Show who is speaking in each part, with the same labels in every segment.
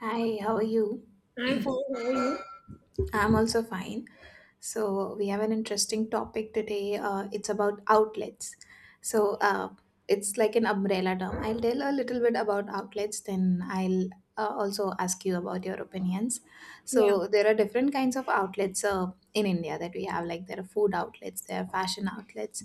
Speaker 1: Hi, how are you?
Speaker 2: I'm fine. How are you?
Speaker 1: I'm also fine. So, we have an interesting topic today. It's about outlets. So, uh, it's like an umbrella term. I'll tell a little bit about outlets, then I'll also ask you about your opinions.
Speaker 2: Yeah.
Speaker 1: So, there are different kinds of outlets in India that we have. Like, there are food outlets, there are fashion outlets,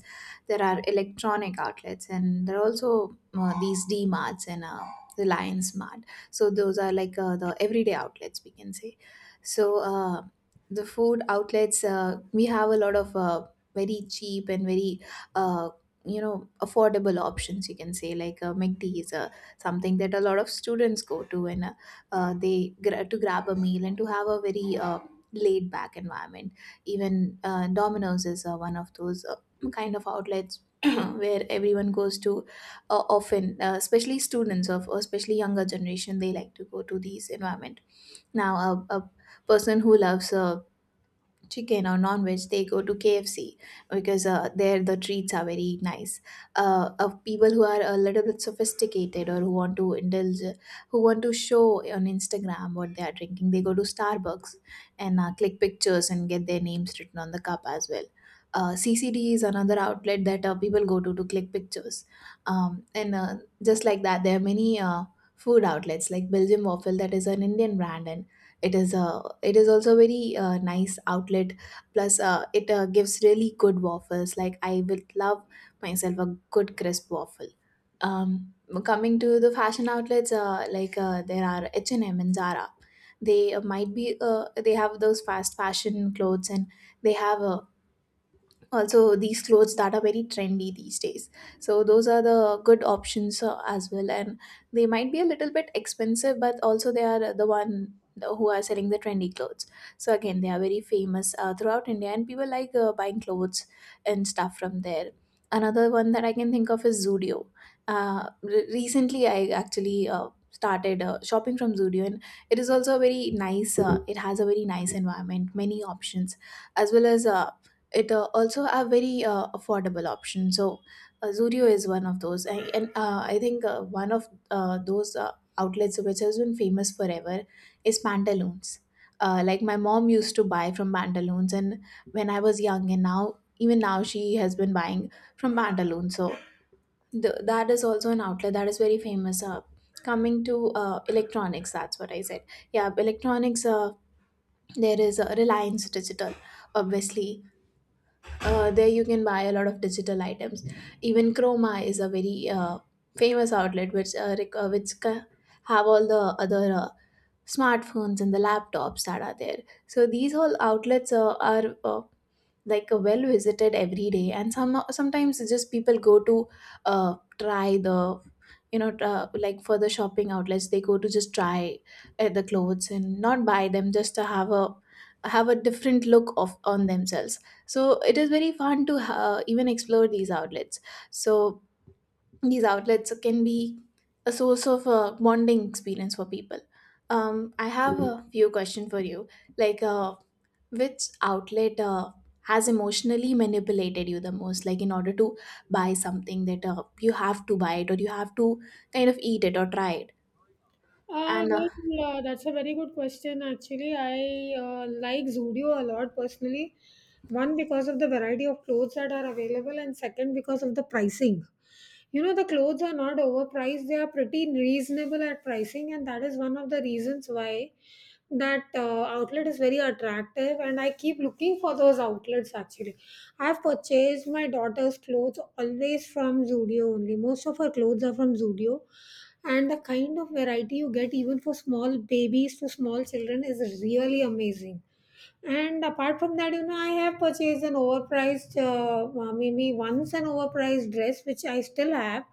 Speaker 1: there are electronic outlets, and there are also these D marts and Reliance Mart. So, those are the everyday outlets, we can say. So, uh, the food outlets we have a lot of very cheap and very uh, affordable options you can say mcd is something that a lot of students go to and to grab a meal and to have a very laid back environment. Even domino's is one of those kind of outlets where everyone goes to often. Especially students of, or especially younger generation, they like to go to these environment. Now a person who loves chicken or non-veg, they go to KFC because there the treats are very nice. Of people who are a little bit sophisticated or who want to indulge, who want to show on Instagram what they are drinking, they go to Starbucks and click pictures and get their names written on the cup as well. CCD is another outlet that people go to click pictures. And Just like that, there are many food outlets like Belgium waffle, that is an Indian brand, and it is a it is also very nice outlet. Plus it gives really good waffles. Like I would love myself a good crisp waffle. um Coming to the fashion outlets, there are h&m and M and zara. They might be they have those fast fashion clothes and they have a also these clothes that are very trendy these days. So those are the good options as well, and they might be a little bit expensive, but also they are the one who are selling the trendy clothes. So again, they are very famous throughout india and people like buying clothes and stuff from there. Another one that I can think of is zudio. Recently I actually started shopping from zudio, and it is also a very nice, it has a very nice environment, many options as well as, it also a very affordable option. So zudio is one of those, and I think, one of those outlets which has been famous forever is pantaloons. Like my mom used to buy from pantaloons and when I was young, and now even now she has been buying from pantaloons. So that is also an outlet that is very famous. Coming to electronics, that's what I said. Yeah, electronics, there is reliance digital, obviously. There you can buy a lot of digital items. Even Chroma is a very famous outlet which have all the other smartphones and the laptops that are there. So these whole outlets are like a well visited every day, and sometimes it's just people go to try the like, for the shopping outlets, they go to just try the clothes and not buy them, just to have a different look of on themselves. So it is very fun to even explore these outlets. So these outlets can be a source of a bonding experience for people. Um, I have a few questions for you. like uh, which outlet has emotionally manipulated you the most? Like, in order to buy something that you have to buy it, or you have to kind of eat it or try it. And
Speaker 2: Well, that's a very good question, actually. I like Zudio a lot personally. One, because of the variety of clothes that are available, and second, because of the pricing. You know, the clothes are not overpriced, they are pretty reasonable at pricing, and that is one of the reasons why that outlet is very attractive, and I keep looking for those outlets actually. I have purchased my daughter's clothes always from Zudio only. Most of her clothes are from Zudio, and the kind of variety you get even for small babies to small children is really amazing. And apart from that, I have purchased an overpriced, maybe once an overpriced dress, which I still have,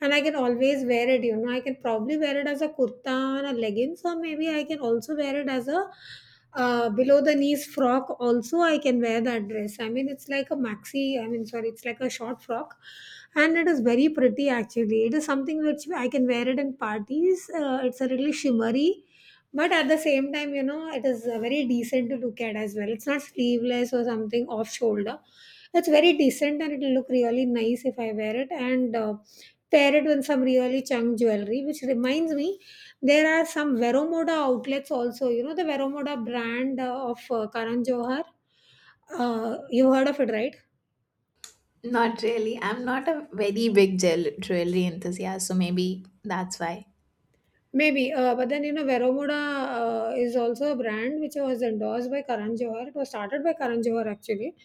Speaker 2: and I can always wear it. I can probably wear it as a kurta and a leggings, or maybe I can also wear it as a, below the knees frock. Also, I can wear that dress. I mean, it's like a maxi. I mean, sorry, it's like a short frock, and it is very pretty actually. It is something which I can wear it in parties. It's a little shimmery, but at the same time, it is very decent to look at as well. It's not sleeveless or something off shoulder. It's very decent and it'll look really nice if I wear it and pair it with some really chunk jewelry. Which reminds me, there are some Veromoda outlets also. You know, the Veromoda brand of Karan Johar. You heard of it, right?
Speaker 1: not really. I'm not a very big jewelry enthusiast, so maybe that's why.
Speaker 2: Maybe, but then you know, Veromoda is also a brand which was endorsed by Karan Johar. It was started by Karan Johar actually.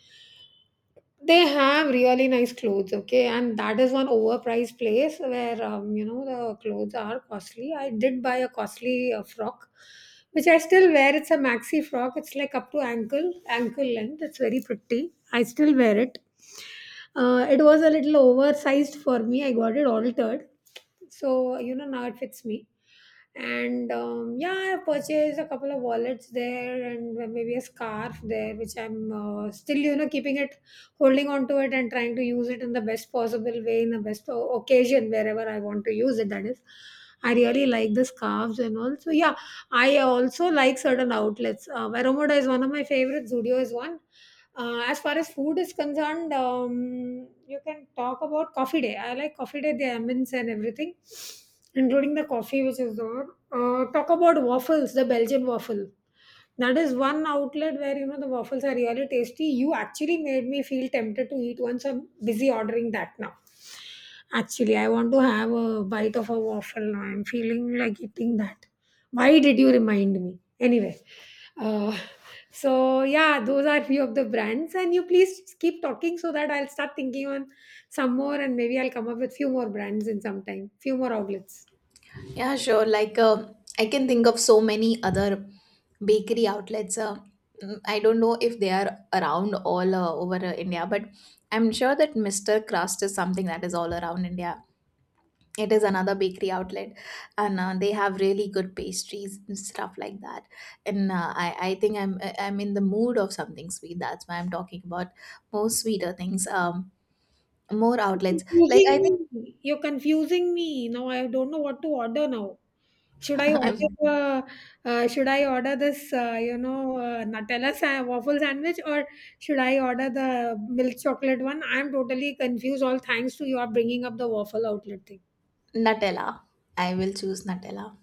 Speaker 2: They have really nice clothes, okay, and that is one overpriced place where, you know the clothes are costly. I did buy a costly frock, which I still wear. It's a maxi frock. It's like up to ankle length. It's very pretty. I still wear it. It was a little oversized for me. I got it altered, so you know now it fits me. And yeah, I have purchased a couple of wallets there and maybe a scarf there, which I'm still, you know, keeping it, holding on to it, and trying to use it in the best possible way, in the best occasion wherever I want to use it. That is, I really like the scarves and all, so yeah. I also like certain outlets. Varomoda is one of my favorites, Zudio is one. As far as food is concerned, you can talk about coffee day. I like coffee day, the almonds and everything, including the coffee which is there. Talk about waffles, the Belgian waffle. That is one outlet where you know the waffles are really tasty. You actually made me feel tempted to eat once. I'm busy ordering that now. Actually, I want to have a bite of a waffle now. I'm feeling like eating that. Why did you remind me? Anyway, uh, so yeah, those are few of the brands, and you please keep talking so that I'll start thinking on some more, and maybe I'll come up with few more brands in some time, few more outlets.
Speaker 1: Yeah, sure. I can think of so many other bakery outlets. I don't know if they are around all over India, but I'm sure that Mr. Crust is something that is all around India. It is another bakery outlet, and they have really good pastries and stuff like that. And I think I am in the mood of something sweet, that's why I'm talking about more sweeter things. More outlets, like I think
Speaker 2: Confusing me. You're confusing me. Now I don't know what to order now. Should I order
Speaker 1: I'm
Speaker 2: uh, should I order this you know Nutella waffle sandwich, or should I order the milk chocolate one? I'm totally confused. All thanks to you are bringing up the waffle outlet thing.
Speaker 1: Nutella, I will choose Nutella.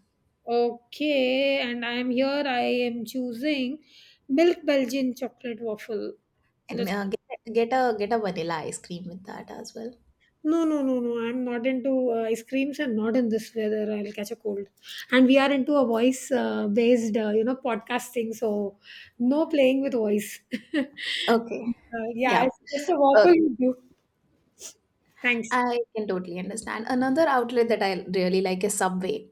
Speaker 2: Okay, and I am here. I am choosing milk Belgian chocolate waffle.
Speaker 1: And
Speaker 2: That's
Speaker 1: get a vanilla ice cream with that as well.
Speaker 2: no, no, no, no. I'm not into ice creams, and not in this weather. I'll catch a cold. And we are into a voice based, you know, podcast thing. So no playing with voice. uh,
Speaker 1: Okay.
Speaker 2: yeah,
Speaker 1: Yeah.
Speaker 2: it's just a waffle
Speaker 1: Okay.
Speaker 2: would do. Thanks.
Speaker 1: I can totally understand. Another outlet that I really like is Subway,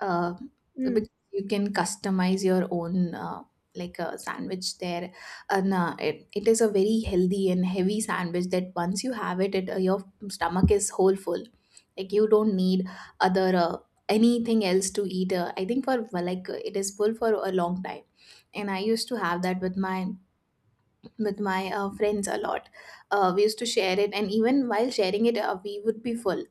Speaker 1: uh,
Speaker 2: Mm.
Speaker 1: because you can customize your own like a sandwich there, and it is a very healthy and heavy sandwich, that once you have it, your stomach is whole full. Like you don't need other anything else to eat. I think, for well, it is full for a long time, and I used to have that with my with my friends a lot. We used to share it, and even while sharing it, we would be full.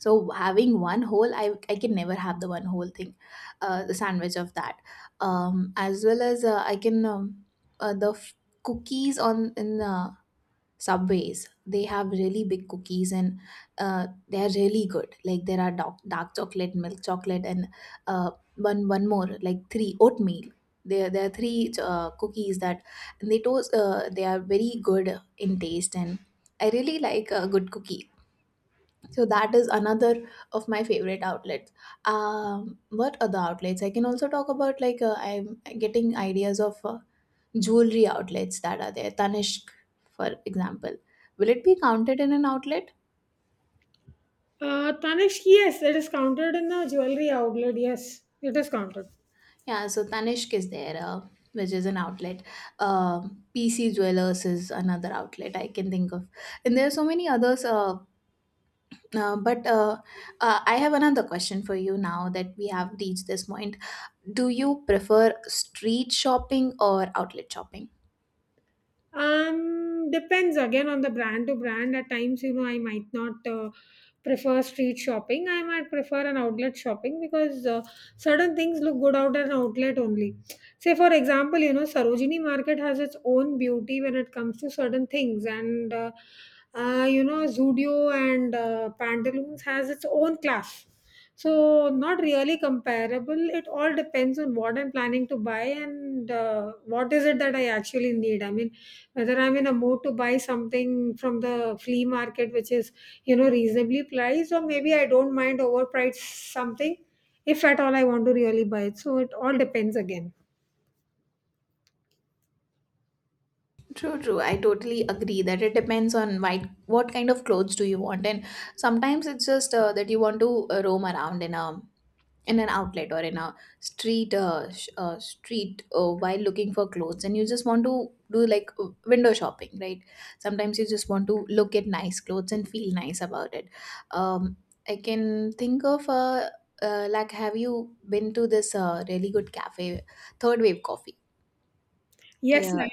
Speaker 1: So having one whole, I can never have the one whole thing, the sandwich of that. As well as, I can the f- cookies on in subways. They have really big cookies, and they are really good. Like there are dark chocolate, milk chocolate, and one more like three oatmeal. There are three cookies that, and they toast. They are very good in taste, and I really like a good cookie. So that is another of my favorite outlets. What other outlets? I can also talk about, I'm getting ideas of jewelry outlets that are there. Tanishq, for example, will it be counted in an outlet?
Speaker 2: Tanishq, yes, it is counted in the jewelry outlet. Yes, it is counted.
Speaker 1: Yeah, so Tanishq is there, which is an outlet. Um, PC Jewelers is another outlet I can think of, and there are so many others. But I have another question for you, now that we have reached this point. Do you prefer street shopping or outlet shopping?
Speaker 2: Depends again on the brand to brand. At times, you know, I might not prefer street shopping. I might prefer an outlet shopping because certain things look good out at an outlet only. Say, for example, you know, Sarojini Market has its own beauty when it comes to certain things, and you know, Zudio and Pantaloons has its own class. So, not really comparable. It all depends on what I'm planning to buy and what is it that I actually need. I mean, whether I'm in a mood to buy something from the flea market, which is, you know, reasonably priced, or maybe I don't mind overpriced something, if at all I want to really buy it. So it all depends again.
Speaker 1: True, true. I totally agree that it depends on why, what kind of clothes do you want, and sometimes it's just that you want to roam around in a in an outlet or in a street while looking for clothes, and you just want to do like window shopping, right? Sometimes you just want to look at nice clothes and feel nice about it. Um, i can think of like, have you been to this really good cafe, third wave coffee?
Speaker 2: Yes,
Speaker 1: Uh,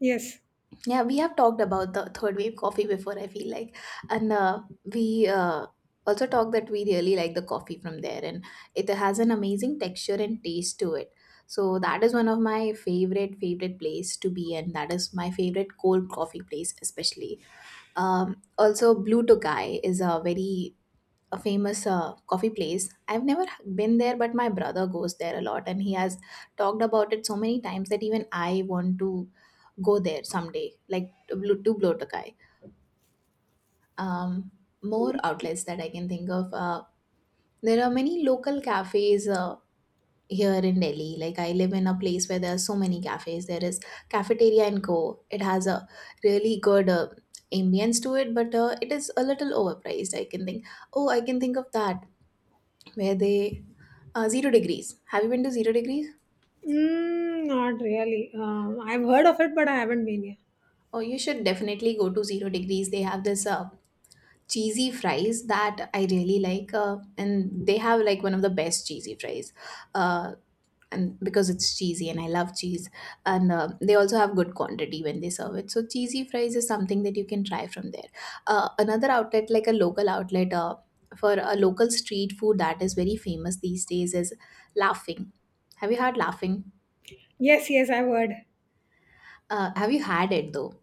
Speaker 2: yes.
Speaker 1: yeah, we have talked about the third wave coffee before, I feel like. And we also talked that we really like the coffee from there, and it has an amazing texture and taste to it. So that is one of my favorite place to be, and that is my favorite cold coffee place, especially. Also, Blue Tokai is a very a famous coffee place. I've never been there, but my brother goes there a lot, and he has talked about it so many times that even I want to go there someday, like to to Blotokai. Um, More outlets that I can think of. There are many local cafes here in Delhi. Like, I live in a place where there are so many cafes. There is Cafeteria and Co. It has a really good ambience to it, but it is a little overpriced. I can think oh I can think of that where they 0 degrees. Have you been to 0 degrees?
Speaker 2: Mm, not really. Um, I've heard of it but I haven't been here.
Speaker 1: Oh, you should definitely go to 0 degrees. They have this cheesy fries that I really like, and they have like one of the best cheesy fries. Uh, and because it's cheesy and I love cheese, and they also have good quantity when they serve it. So cheesy fries is something that you can try from there. Another outlet, like a local outlet for a local street food that is very famous these days, is Laughing. Have you had Laughing?
Speaker 2: Yes, yes, I've heard.
Speaker 1: Have you had it though?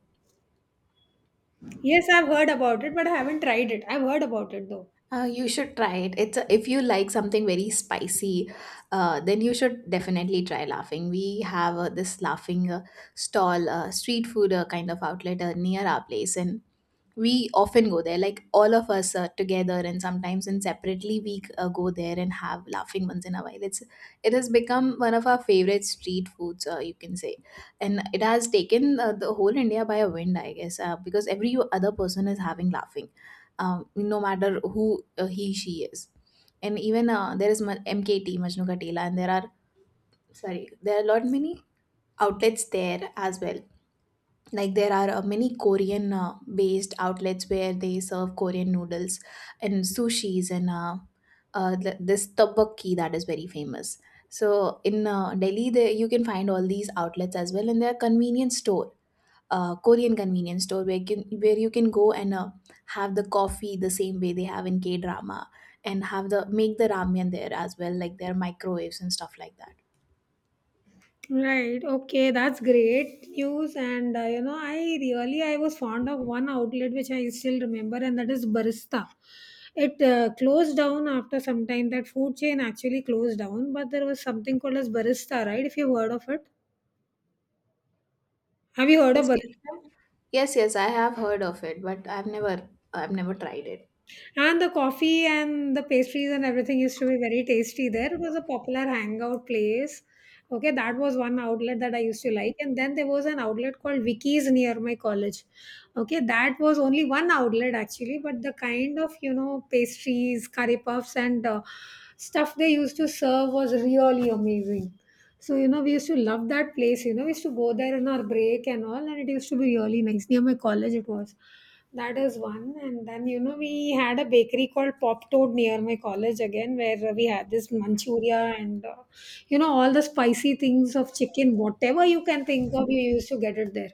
Speaker 2: Yes, I've heard about it but I haven't tried it. I've heard about it though.
Speaker 1: You should try it. It's a, if you like something very spicy, then you should definitely try laughing. We have this laughing stall, street food kind of outlet near our place, and we often go there like all of us together, and sometimes and separately we go there and have laughing once in a while. It has become one of our favorite street foods, you can say. And it has taken the whole India by a wind, I guess, because every other person is having laughing, no matter who he she is. And even there is mkt Majnu Katela, and there are, sorry, there are a lot many outlets there as well. Like there are many Korean based outlets where they serve Korean noodles and sushis, and this tteokbokki that is very famous. So in Delhi there you can find all these outlets as well, and there are convenience store, Korean convenience store, where you can go and have the coffee the same way they have in k drama and have the make the ramen there as well, like there are microwaves and stuff like that.
Speaker 2: Right. Okay, that's great news. And you know, I was fond of one outlet which I still remember, and that is Barista. It closed down after some time. That food chain actually closed down, but there was something called as Barista, right? If you've heard of it, have you heard of
Speaker 1: Yes,
Speaker 2: Barista?
Speaker 1: yes, yes, I have heard of it, but I've never I've never tried it.
Speaker 2: And the coffee and the pastries and everything used to be very tasty there. It was a popular hangout place. Okay, that was one outlet that I used to like. And then there was an outlet called Vicky's near my college. Okay, that was only one outlet actually, but the kind of, you know, pastries, curry puffs, and stuff they used to serve was really amazing. So, you know, we used to love that place. You know, we used to go there in our break and all, and it used to be really nice. Near my college, it was. That is one. And then, you know, we had a bakery called Pop Toad near my college again, where we had this manchuria and, you know, all the spicy things of chicken, whatever you can think of, you used to get it there.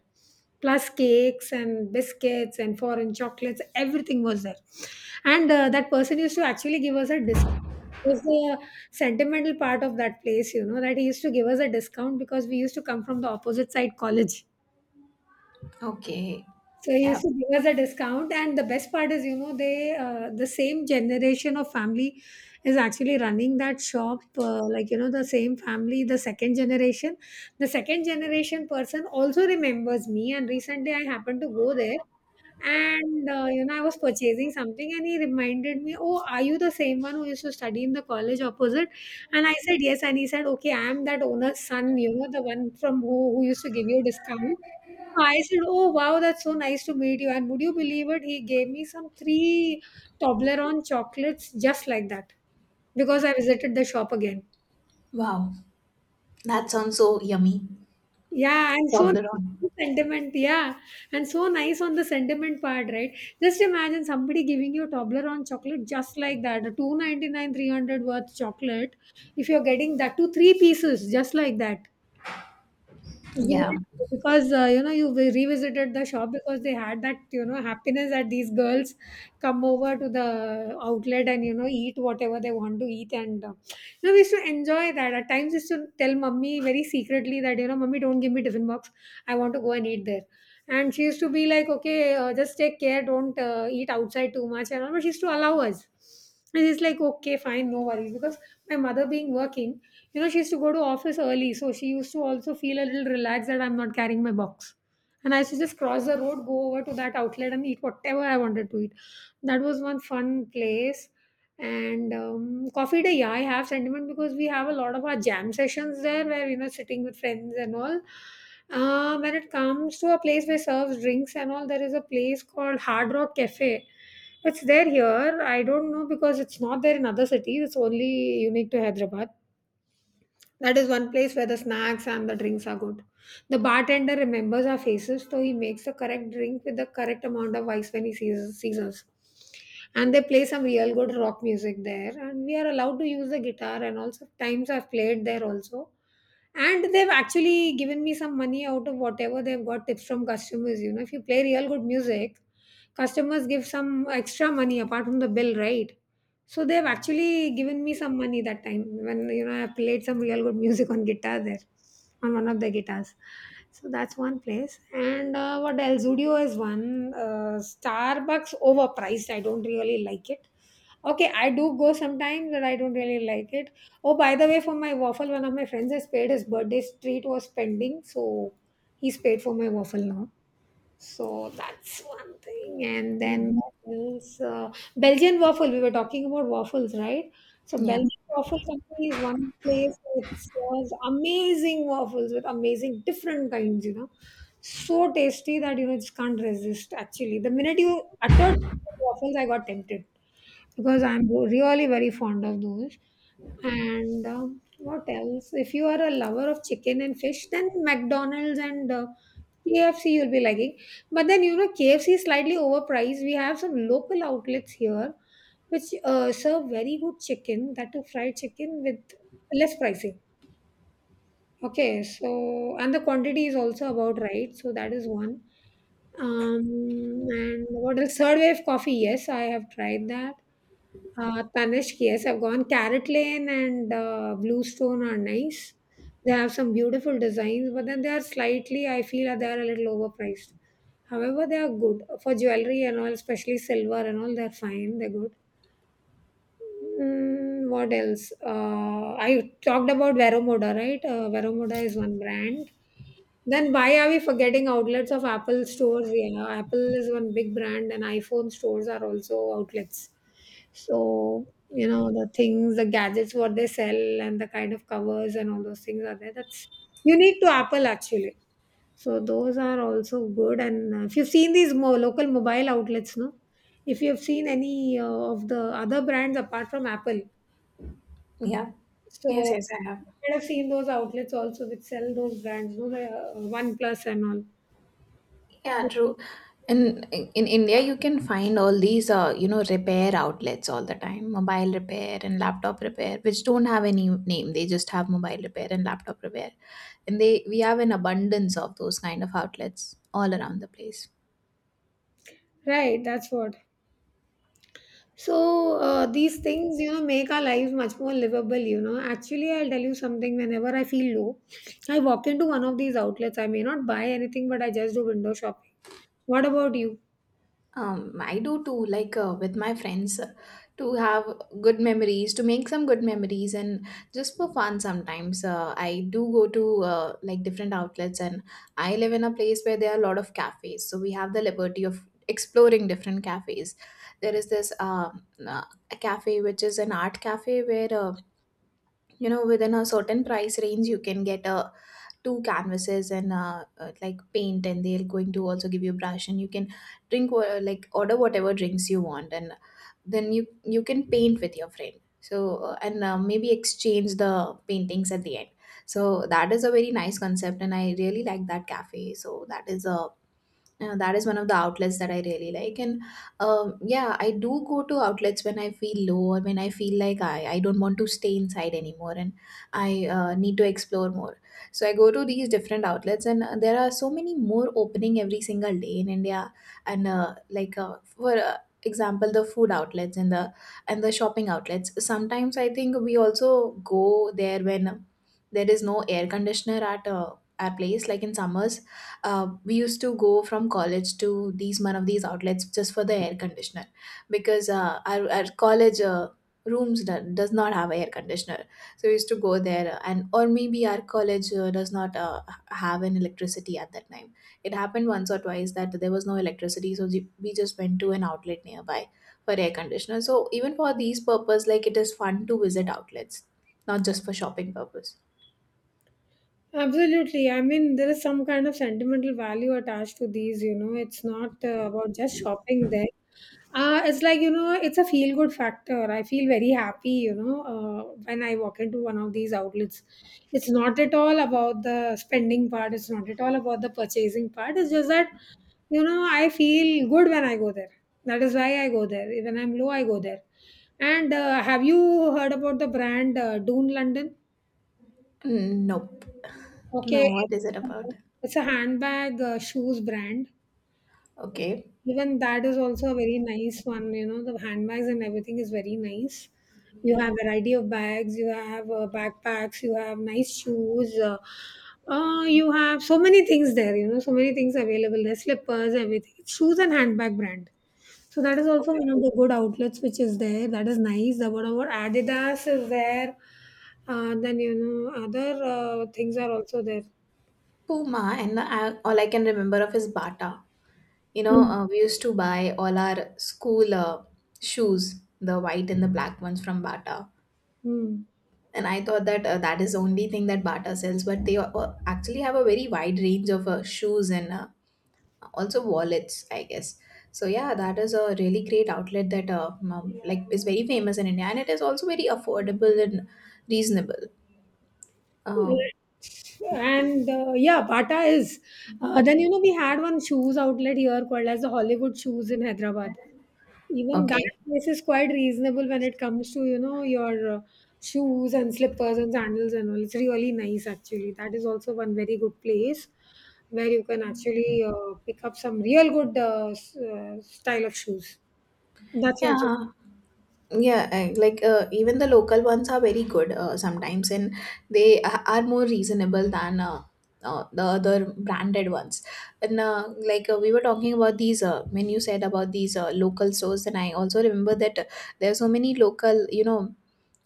Speaker 2: Plus cakes and biscuits and foreign chocolates, everything was there. And that person used to actually give us a discount. It was the sentimental part of that place, you know, that he used to give us a discount because we used to come from the opposite side college,
Speaker 1: Okay.
Speaker 2: so he
Speaker 1: Yeah.
Speaker 2: used to give us a discount, and the best part is, you know, they the same generation of family is actually running that shop. Like you know, the same family, the second generation person also remembers me. And recently, I happened to go there, and you know, I was purchasing something, and he reminded me, "Oh, are you the same one who used to study in the college opposite?" And I said, "Yes," and he said, "Okay, I am that owner's son. You know, the one from who used to give you discount." I said, "Oh wow, that's so nice to meet you." And would you believe it? He gave me some three Toblerone chocolates just like that, because I visited the shop again.
Speaker 1: Wow. That sounds so yummy.
Speaker 2: Yeah, and so nice on
Speaker 1: Toblerone.
Speaker 2: the sentiment. Yeah, and so nice on the sentiment part, right? Just imagine somebody giving you a Toblerone chocolate just like that, a 299, 300 worth chocolate. If you're getting that to three pieces, just like that. Even
Speaker 1: Yeah.
Speaker 2: if— because you know you revisited the shop because they had that, you know, happiness that these girls come over to the outlet and, you know, eat whatever they want to eat, and you know we used to enjoy that. At times used to tell mummy very secretly that, you know, mummy don't give me tiffin box. I want to go and eat there. And she used to be like, okay, just take care, don't eat outside too much and all, but she used to allow us. And it's like, okay, fine, no worries, because my mother being working, you know, she used to go to office early, so she used to also feel a little relaxed that I'm not carrying my box, and I used to just cross the road, go over to that outlet, and eat whatever I wanted to eat. That was one fun place. And coffee day, yeah, I have sentiment because we have a lot of our jam sessions there where, you know, sitting with friends and all. When it comes to a place where serves drinks and all, there is a place called Hard Rock Cafe. It's there here. I don't know because it's not there in other cities. It's only unique to Hyderabad. That is one place where the snacks and the drinks are good. The bartender remembers our faces, so he makes the correct drink with the correct amount of ice when he sees us. And they play some real good rock music there, and we are allowed to use the guitar. And also, times I've played there also. And they've actually given me some money out of whatever they've got tips from customers. You know, if you play real good music, customers give some extra money apart from the bill, right? So they've actually given me some money that time when I played some real good music on guitar there, on one of the guitars. So that's one place. And what else? Studio is one. Starbucks overpriced. I don't really like it. Okay, I do go sometimes, but I don't really like it. Oh, by the way, for my waffle, one of my friends has paid, his birthday treat was pending, so he's paid for my waffle now. So that's one thing. And then
Speaker 1: Mm.
Speaker 2: what else? Belgian waffle. We were talking about waffles, right? So
Speaker 1: Yeah.
Speaker 2: Belgian waffle company is one place which serves amazing waffles with amazing different kinds. So tasty that just can't resist. Actually, the minute you uttered waffles, I got tempted because I'm really very fond of those. And what else? If you are a lover of chicken and fish, then McDonald's and KFC you'll be liking. But then, you know, KFC is slightly overpriced. We have some local outlets here which serve very good chicken, that too fried chicken with less pricing. Okay, so and the quantity is also about right. So that is one. Um, and what else? Third wave coffee. Yes, I have tried that. Tanishq, yes, I've gone. Carrot Lane and Bluestone are nice. They have some beautiful designs, but then they are slightly, I feel, that they are a little overpriced. However, they are good for jewelry and all, especially silver and all. They're fine. They're good. Mm, what else? I talked about Veromoda, right? Veromoda is one brand. Then why are we forgetting outlets of Apple stores? Yeah, Apple is one big brand, and iPhone stores are also outlets. So you know the things, the gadgets, what they sell, and the kind of covers and all those things are there. That's unique to Apple actually. So those are also good. And if you've seen these more local mobile outlets, no, if you've seen any of the other brands apart from Apple,
Speaker 1: Yeah.
Speaker 2: so
Speaker 1: Yes, yes, I have.
Speaker 2: you might have seen those outlets also which sell those brands, no, the OnePlus and all.
Speaker 1: Yeah, true. And in India, you can find all these, you know, repair outlets all the time, mobile repair and laptop repair, which don't have any name. They just have mobile repair and laptop repair, and they we have an abundance of those kind of outlets all around the place.
Speaker 2: Right, that's what. So these things, you know, make our lives much more livable. You know, actually, I'll tell you something. Whenever I feel low, I walk into one of these outlets. I may not buy anything, but I just do window shopping. What about you?
Speaker 1: I do too, like with my friends, to have good memories, to make some good memories, and just for fun sometimes. I do go to like different outlets, and I live in a place where there are a lot of cafes, so we have the liberty of exploring different cafes. There is this a cafe which is an art cafe where, you know, within a certain price range you can get a two canvases and, like paint, and they're going to also give you a brush, and you can drink like order whatever drinks you want, and then you can paint with your friend so uh, and uh, maybe exchange the paintings at the end. So that is a very nice concept, and I really like that cafe. So that is a, that is one of the outlets that I really like. And yeah, I do go to outlets when I feel low or when I feel like I don't want to stay inside anymore, and I need to explore more. So I go to these different outlets, and there are so many more opening every single day in India. And like for example, the food outlets and the, and the shopping outlets. Sometimes I think we also go there when there is no air conditioner at our place, like in summers. We used to go from college to these one of these outlets just for the air conditioner, because our college rooms does not have air conditioner. So we used to go there, and or maybe our college does not have an electricity at that time. It happened once or twice that there was no electricity, so we just went to an outlet nearby for air conditioner. So even for these purpose, like, it is fun to visit outlets, not just for shopping purpose.
Speaker 2: Absolutely. I mean, there is some kind of sentimental value attached to these. You know, it's not about just shopping there. It's like, you know, it's a feel good factor. I feel very happy, you know, when I walk into one of these outlets. It's not at all about the spending part, it's not at all about the purchasing part. It's just that, you know, I feel good when I go there. That is why I go there. When I'm low, I go there. And have you heard about the brand Dune London?
Speaker 1: Nope. No,
Speaker 2: Okay,
Speaker 1: what is it about?
Speaker 2: it's a handbag shoes brand.
Speaker 1: Okay.
Speaker 2: Even that is also a very nice one. You know, the handbags and everything is very nice. You have variety of bags. You have backpacks. You have nice shoes. You have so many things there. You know, so many things available. The slippers, everything. It's shoes and handbag brand. So that is also one
Speaker 1: Okay.
Speaker 2: of the good outlets which is there. That is nice. The whatever Adidas is there. Then you know other things are also there.
Speaker 1: Puma, and I, all I can remember of is Bata. You know,
Speaker 2: Mm.
Speaker 1: we used to buy all our school, shoes, the white and the black ones, from Bata.
Speaker 2: Mm.
Speaker 1: And I thought that, that is the only thing that Bata sells, but they actually have a very wide range of shoes and, also wallets, I guess. So yeah, that is a really great outlet that, like, is very famous in India, and it is also very affordable and reasonable. Um,
Speaker 2: Right. And yeah, Bata is. Then you know we had one shoes outlet here called as the Hollywood Shoes in Hyderabad. Even that
Speaker 1: okay,
Speaker 2: place is quite reasonable when it comes to you know your shoes and slippers and sandals and all. It's really nice actually. That is also one very good place where you can actually pick up some real good style of shoes. That's also.
Speaker 1: yeah. Yeah, and like, even the local ones are very good, sometimes, and they are more reasonable than, the other branded ones. And like, we were talking about these, when you said about these local stores, then I also remember that, there are so many local, you know,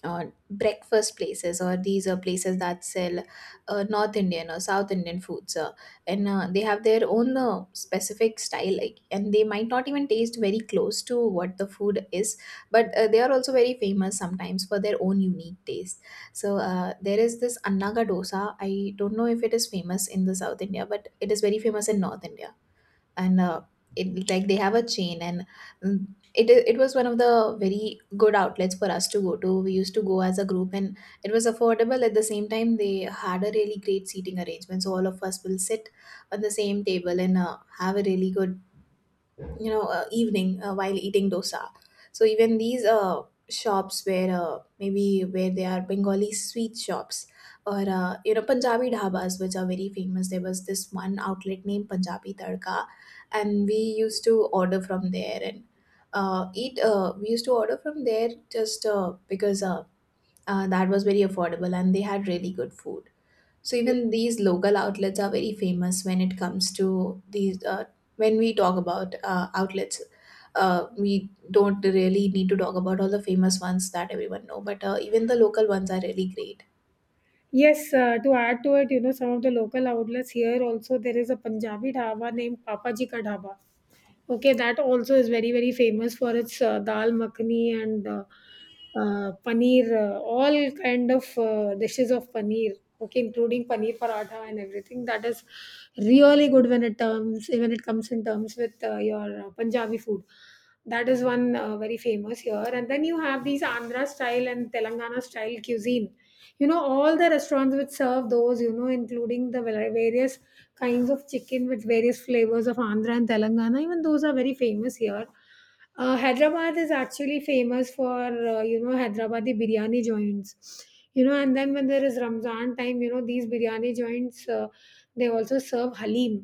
Speaker 1: breakfast places, or these are places that sell North Indian or South Indian foods, and they have their own specific style, like, and they might not even taste very close to what the food is, but they are also very famous sometimes for their own unique taste. So there is this annaga dosa. I don't know if it is famous in the South India, but it is very famous in North India. And it, like, they have a chain and, mm, it, it was one of the very good outlets for us to go to. We used to go as a group, and it was affordable. At the same time, they had a really great seating arrangement, so all of us will sit on the same table and have a really good, you know, evening while eating dosa. So even these shops where, maybe where they are Bengali sweet shops, or, you know, Punjabi dhabas which are very famous. There was this one outlet named Punjabi Tadka, and we used to order from there and, eat we used to order from there just, because that was very affordable and they had really good food. So even these local outlets are very famous when it comes to these. When we talk about outlets, we don't really need to talk about all the famous ones that everyone know, but even the local ones are really great.
Speaker 2: Yes, to add to it, you know, some of the local outlets here also, there is a Punjabi dhaba named Papa Ji Ka Dhaba. Okay, that also is very very famous for its dal makhani and paneer, all kind of dishes of paneer. Okay, including paneer paratha and everything. That is really good when it comes in terms with your Punjabi food. That is one very famous here, and then you have these Andhra style and Telangana style cuisine, you know, all the restaurants which serve those, you know, including the various kinds of chicken with various flavors of Andhra and Telangana. Even those are very famous here. Hyderabad is actually famous for, you know, Hyderabadi biryani joints, you know. And then when there is Ramzan time, you know, these biryani joints they also serve halim.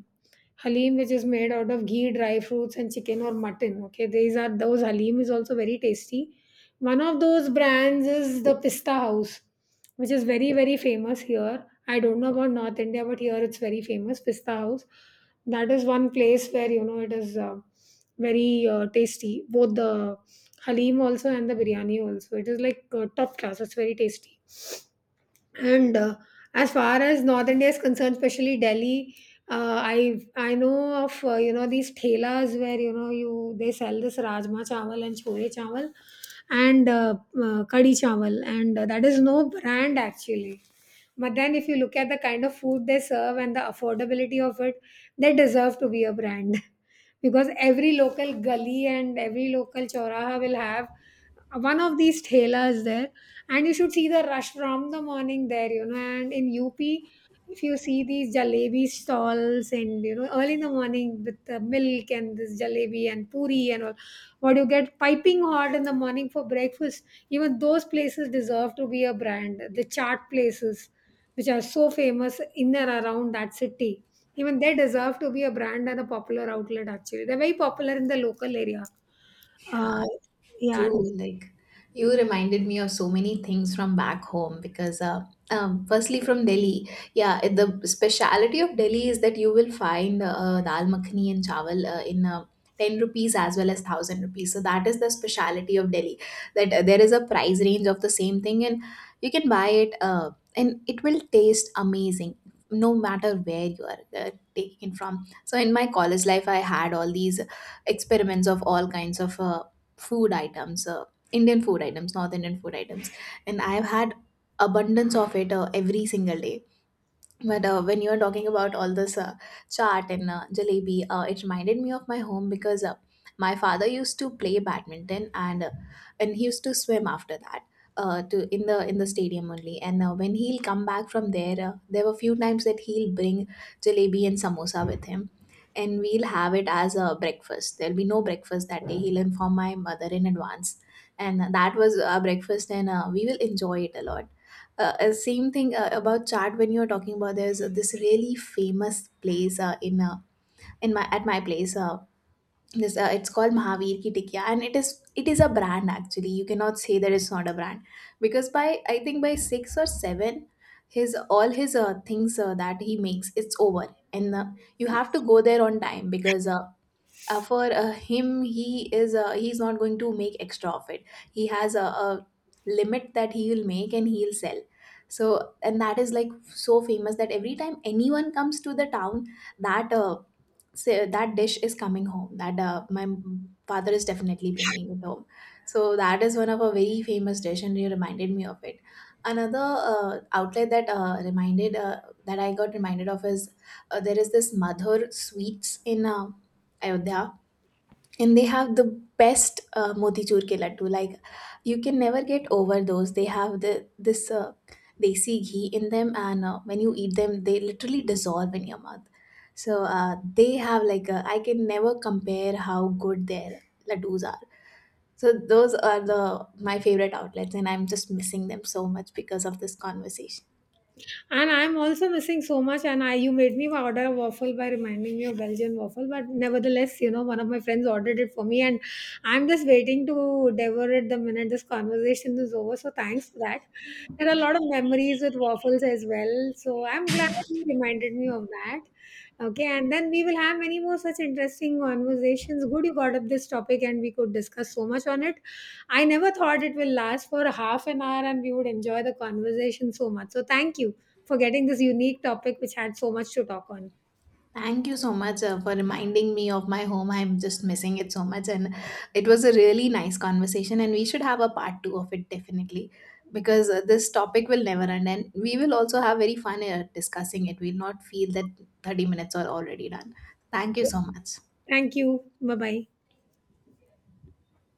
Speaker 2: Halim, which is made out of ghee, dry fruits and chicken or mutton. Okay, these are those. Halim is also very tasty. One of those brands is the Pista House, which is very very famous here. I don't know about North India, but here it's very famous. Pista House. That is one place where you know it is very tasty. Both the halim also and the biryani also. It is like top class. It's very tasty. And as far as North India is concerned, especially Delhi, I know of you know these thelas where you know you they sell this rajma chawal and chole chawal and kadi chawal, and that is no brand actually. But then, if you look at the kind of food they serve and the affordability of it, they deserve to be a brand. Because every local gully and every local choraha will have one of these thelas there. And you should see the rush from the morning there, you know. And in UP, if you see these jalebi stalls and, you know, early in the morning with the milk and this jalebi and puri and all, what you get piping hot in the morning for breakfast, even those places deserve to be a brand. The chart places which are so famous in and around that city. Even they deserve to be a brand and a popular outlet, actually. They're very popular in the local area. Uh, yeah,
Speaker 1: True, like, you reminded me of so many things from back home because, firstly from Delhi, yeah, the speciality of Delhi is that you will find dal makhani and chawal in 10 rupees as well as 1,000 rupees. So that is the speciality of Delhi, that there is a price range of the same thing, and you can buy it and it will taste amazing no matter where you are taking it from. So in my college life, I had all these experiments of all kinds of, food items, Indian food items, North Indian food items, and I've had abundance of it, every single day. But when you were talking about all this, chaat and, jalebi, it reminded me of my home because, my father used to play badminton and, and he used to swim after that, to in the, in the stadium only. And when he'll come back from there, there were few times that he'll bring jalebi and samosa with him, and we'll have it as a breakfast. There'll be no breakfast that day. He'll inform my mother in advance, and that was our breakfast, and we will enjoy it a lot. Same thing about chat, when you're talking about, there's this really famous place in my at my place, this it's called Mahavir Ki Tikya, and it is, it is a brand, actually. You cannot say that it's not a brand, because by, I think, by 6 or 7, his all his things that he makes, it's over. And, you have to go there on time because, for him, he is, he's not going to make extra of it. He has a limit that he will make and he'll sell. So, and that is like so famous that every time anyone comes to the town, that say, that dish is coming home, that my father is definitely bringing it home. So that is one of a very famous dish, and you reminded me of it. Another, outlet that reminded that I got reminded of is, there is this Madhur Sweets in, Ayodhya, and they have the best motichur ke laddu. Like, you can never get over those. They have the, this desi ghee in them, and when you eat them they literally dissolve in your mouth. So they have like a, I can never compare how good their laddus are. So those are the, my favorite outlets, and I'm just missing them so much because of this conversation.
Speaker 2: And I'm also missing so much. And I, you made me order a waffle by reminding me of Belgian waffle. But nevertheless, you know, one of my friends ordered it for me, and I'm just waiting to devour it the minute this conversation is over. So thanks for that. There are a lot of memories with waffles as well. So I'm glad you reminded me of that. Okay, and then we will have many more such interesting conversations. Good, you brought up this topic, and we could discuss so much on it. I never thought it will last for half an hour, and we would enjoy the conversation so much. So thank you for getting this unique topic which had so much to talk on.
Speaker 1: Thank you so much, for reminding me of my home. I'm just missing it so much. And it was a really nice conversation. And we should have a part two of it, definitely, because this topic will never end. And we will also have very fun discussing it. We'll not feel that 30 minutes are already done. Thank you so much.
Speaker 2: Thank you. Bye bye.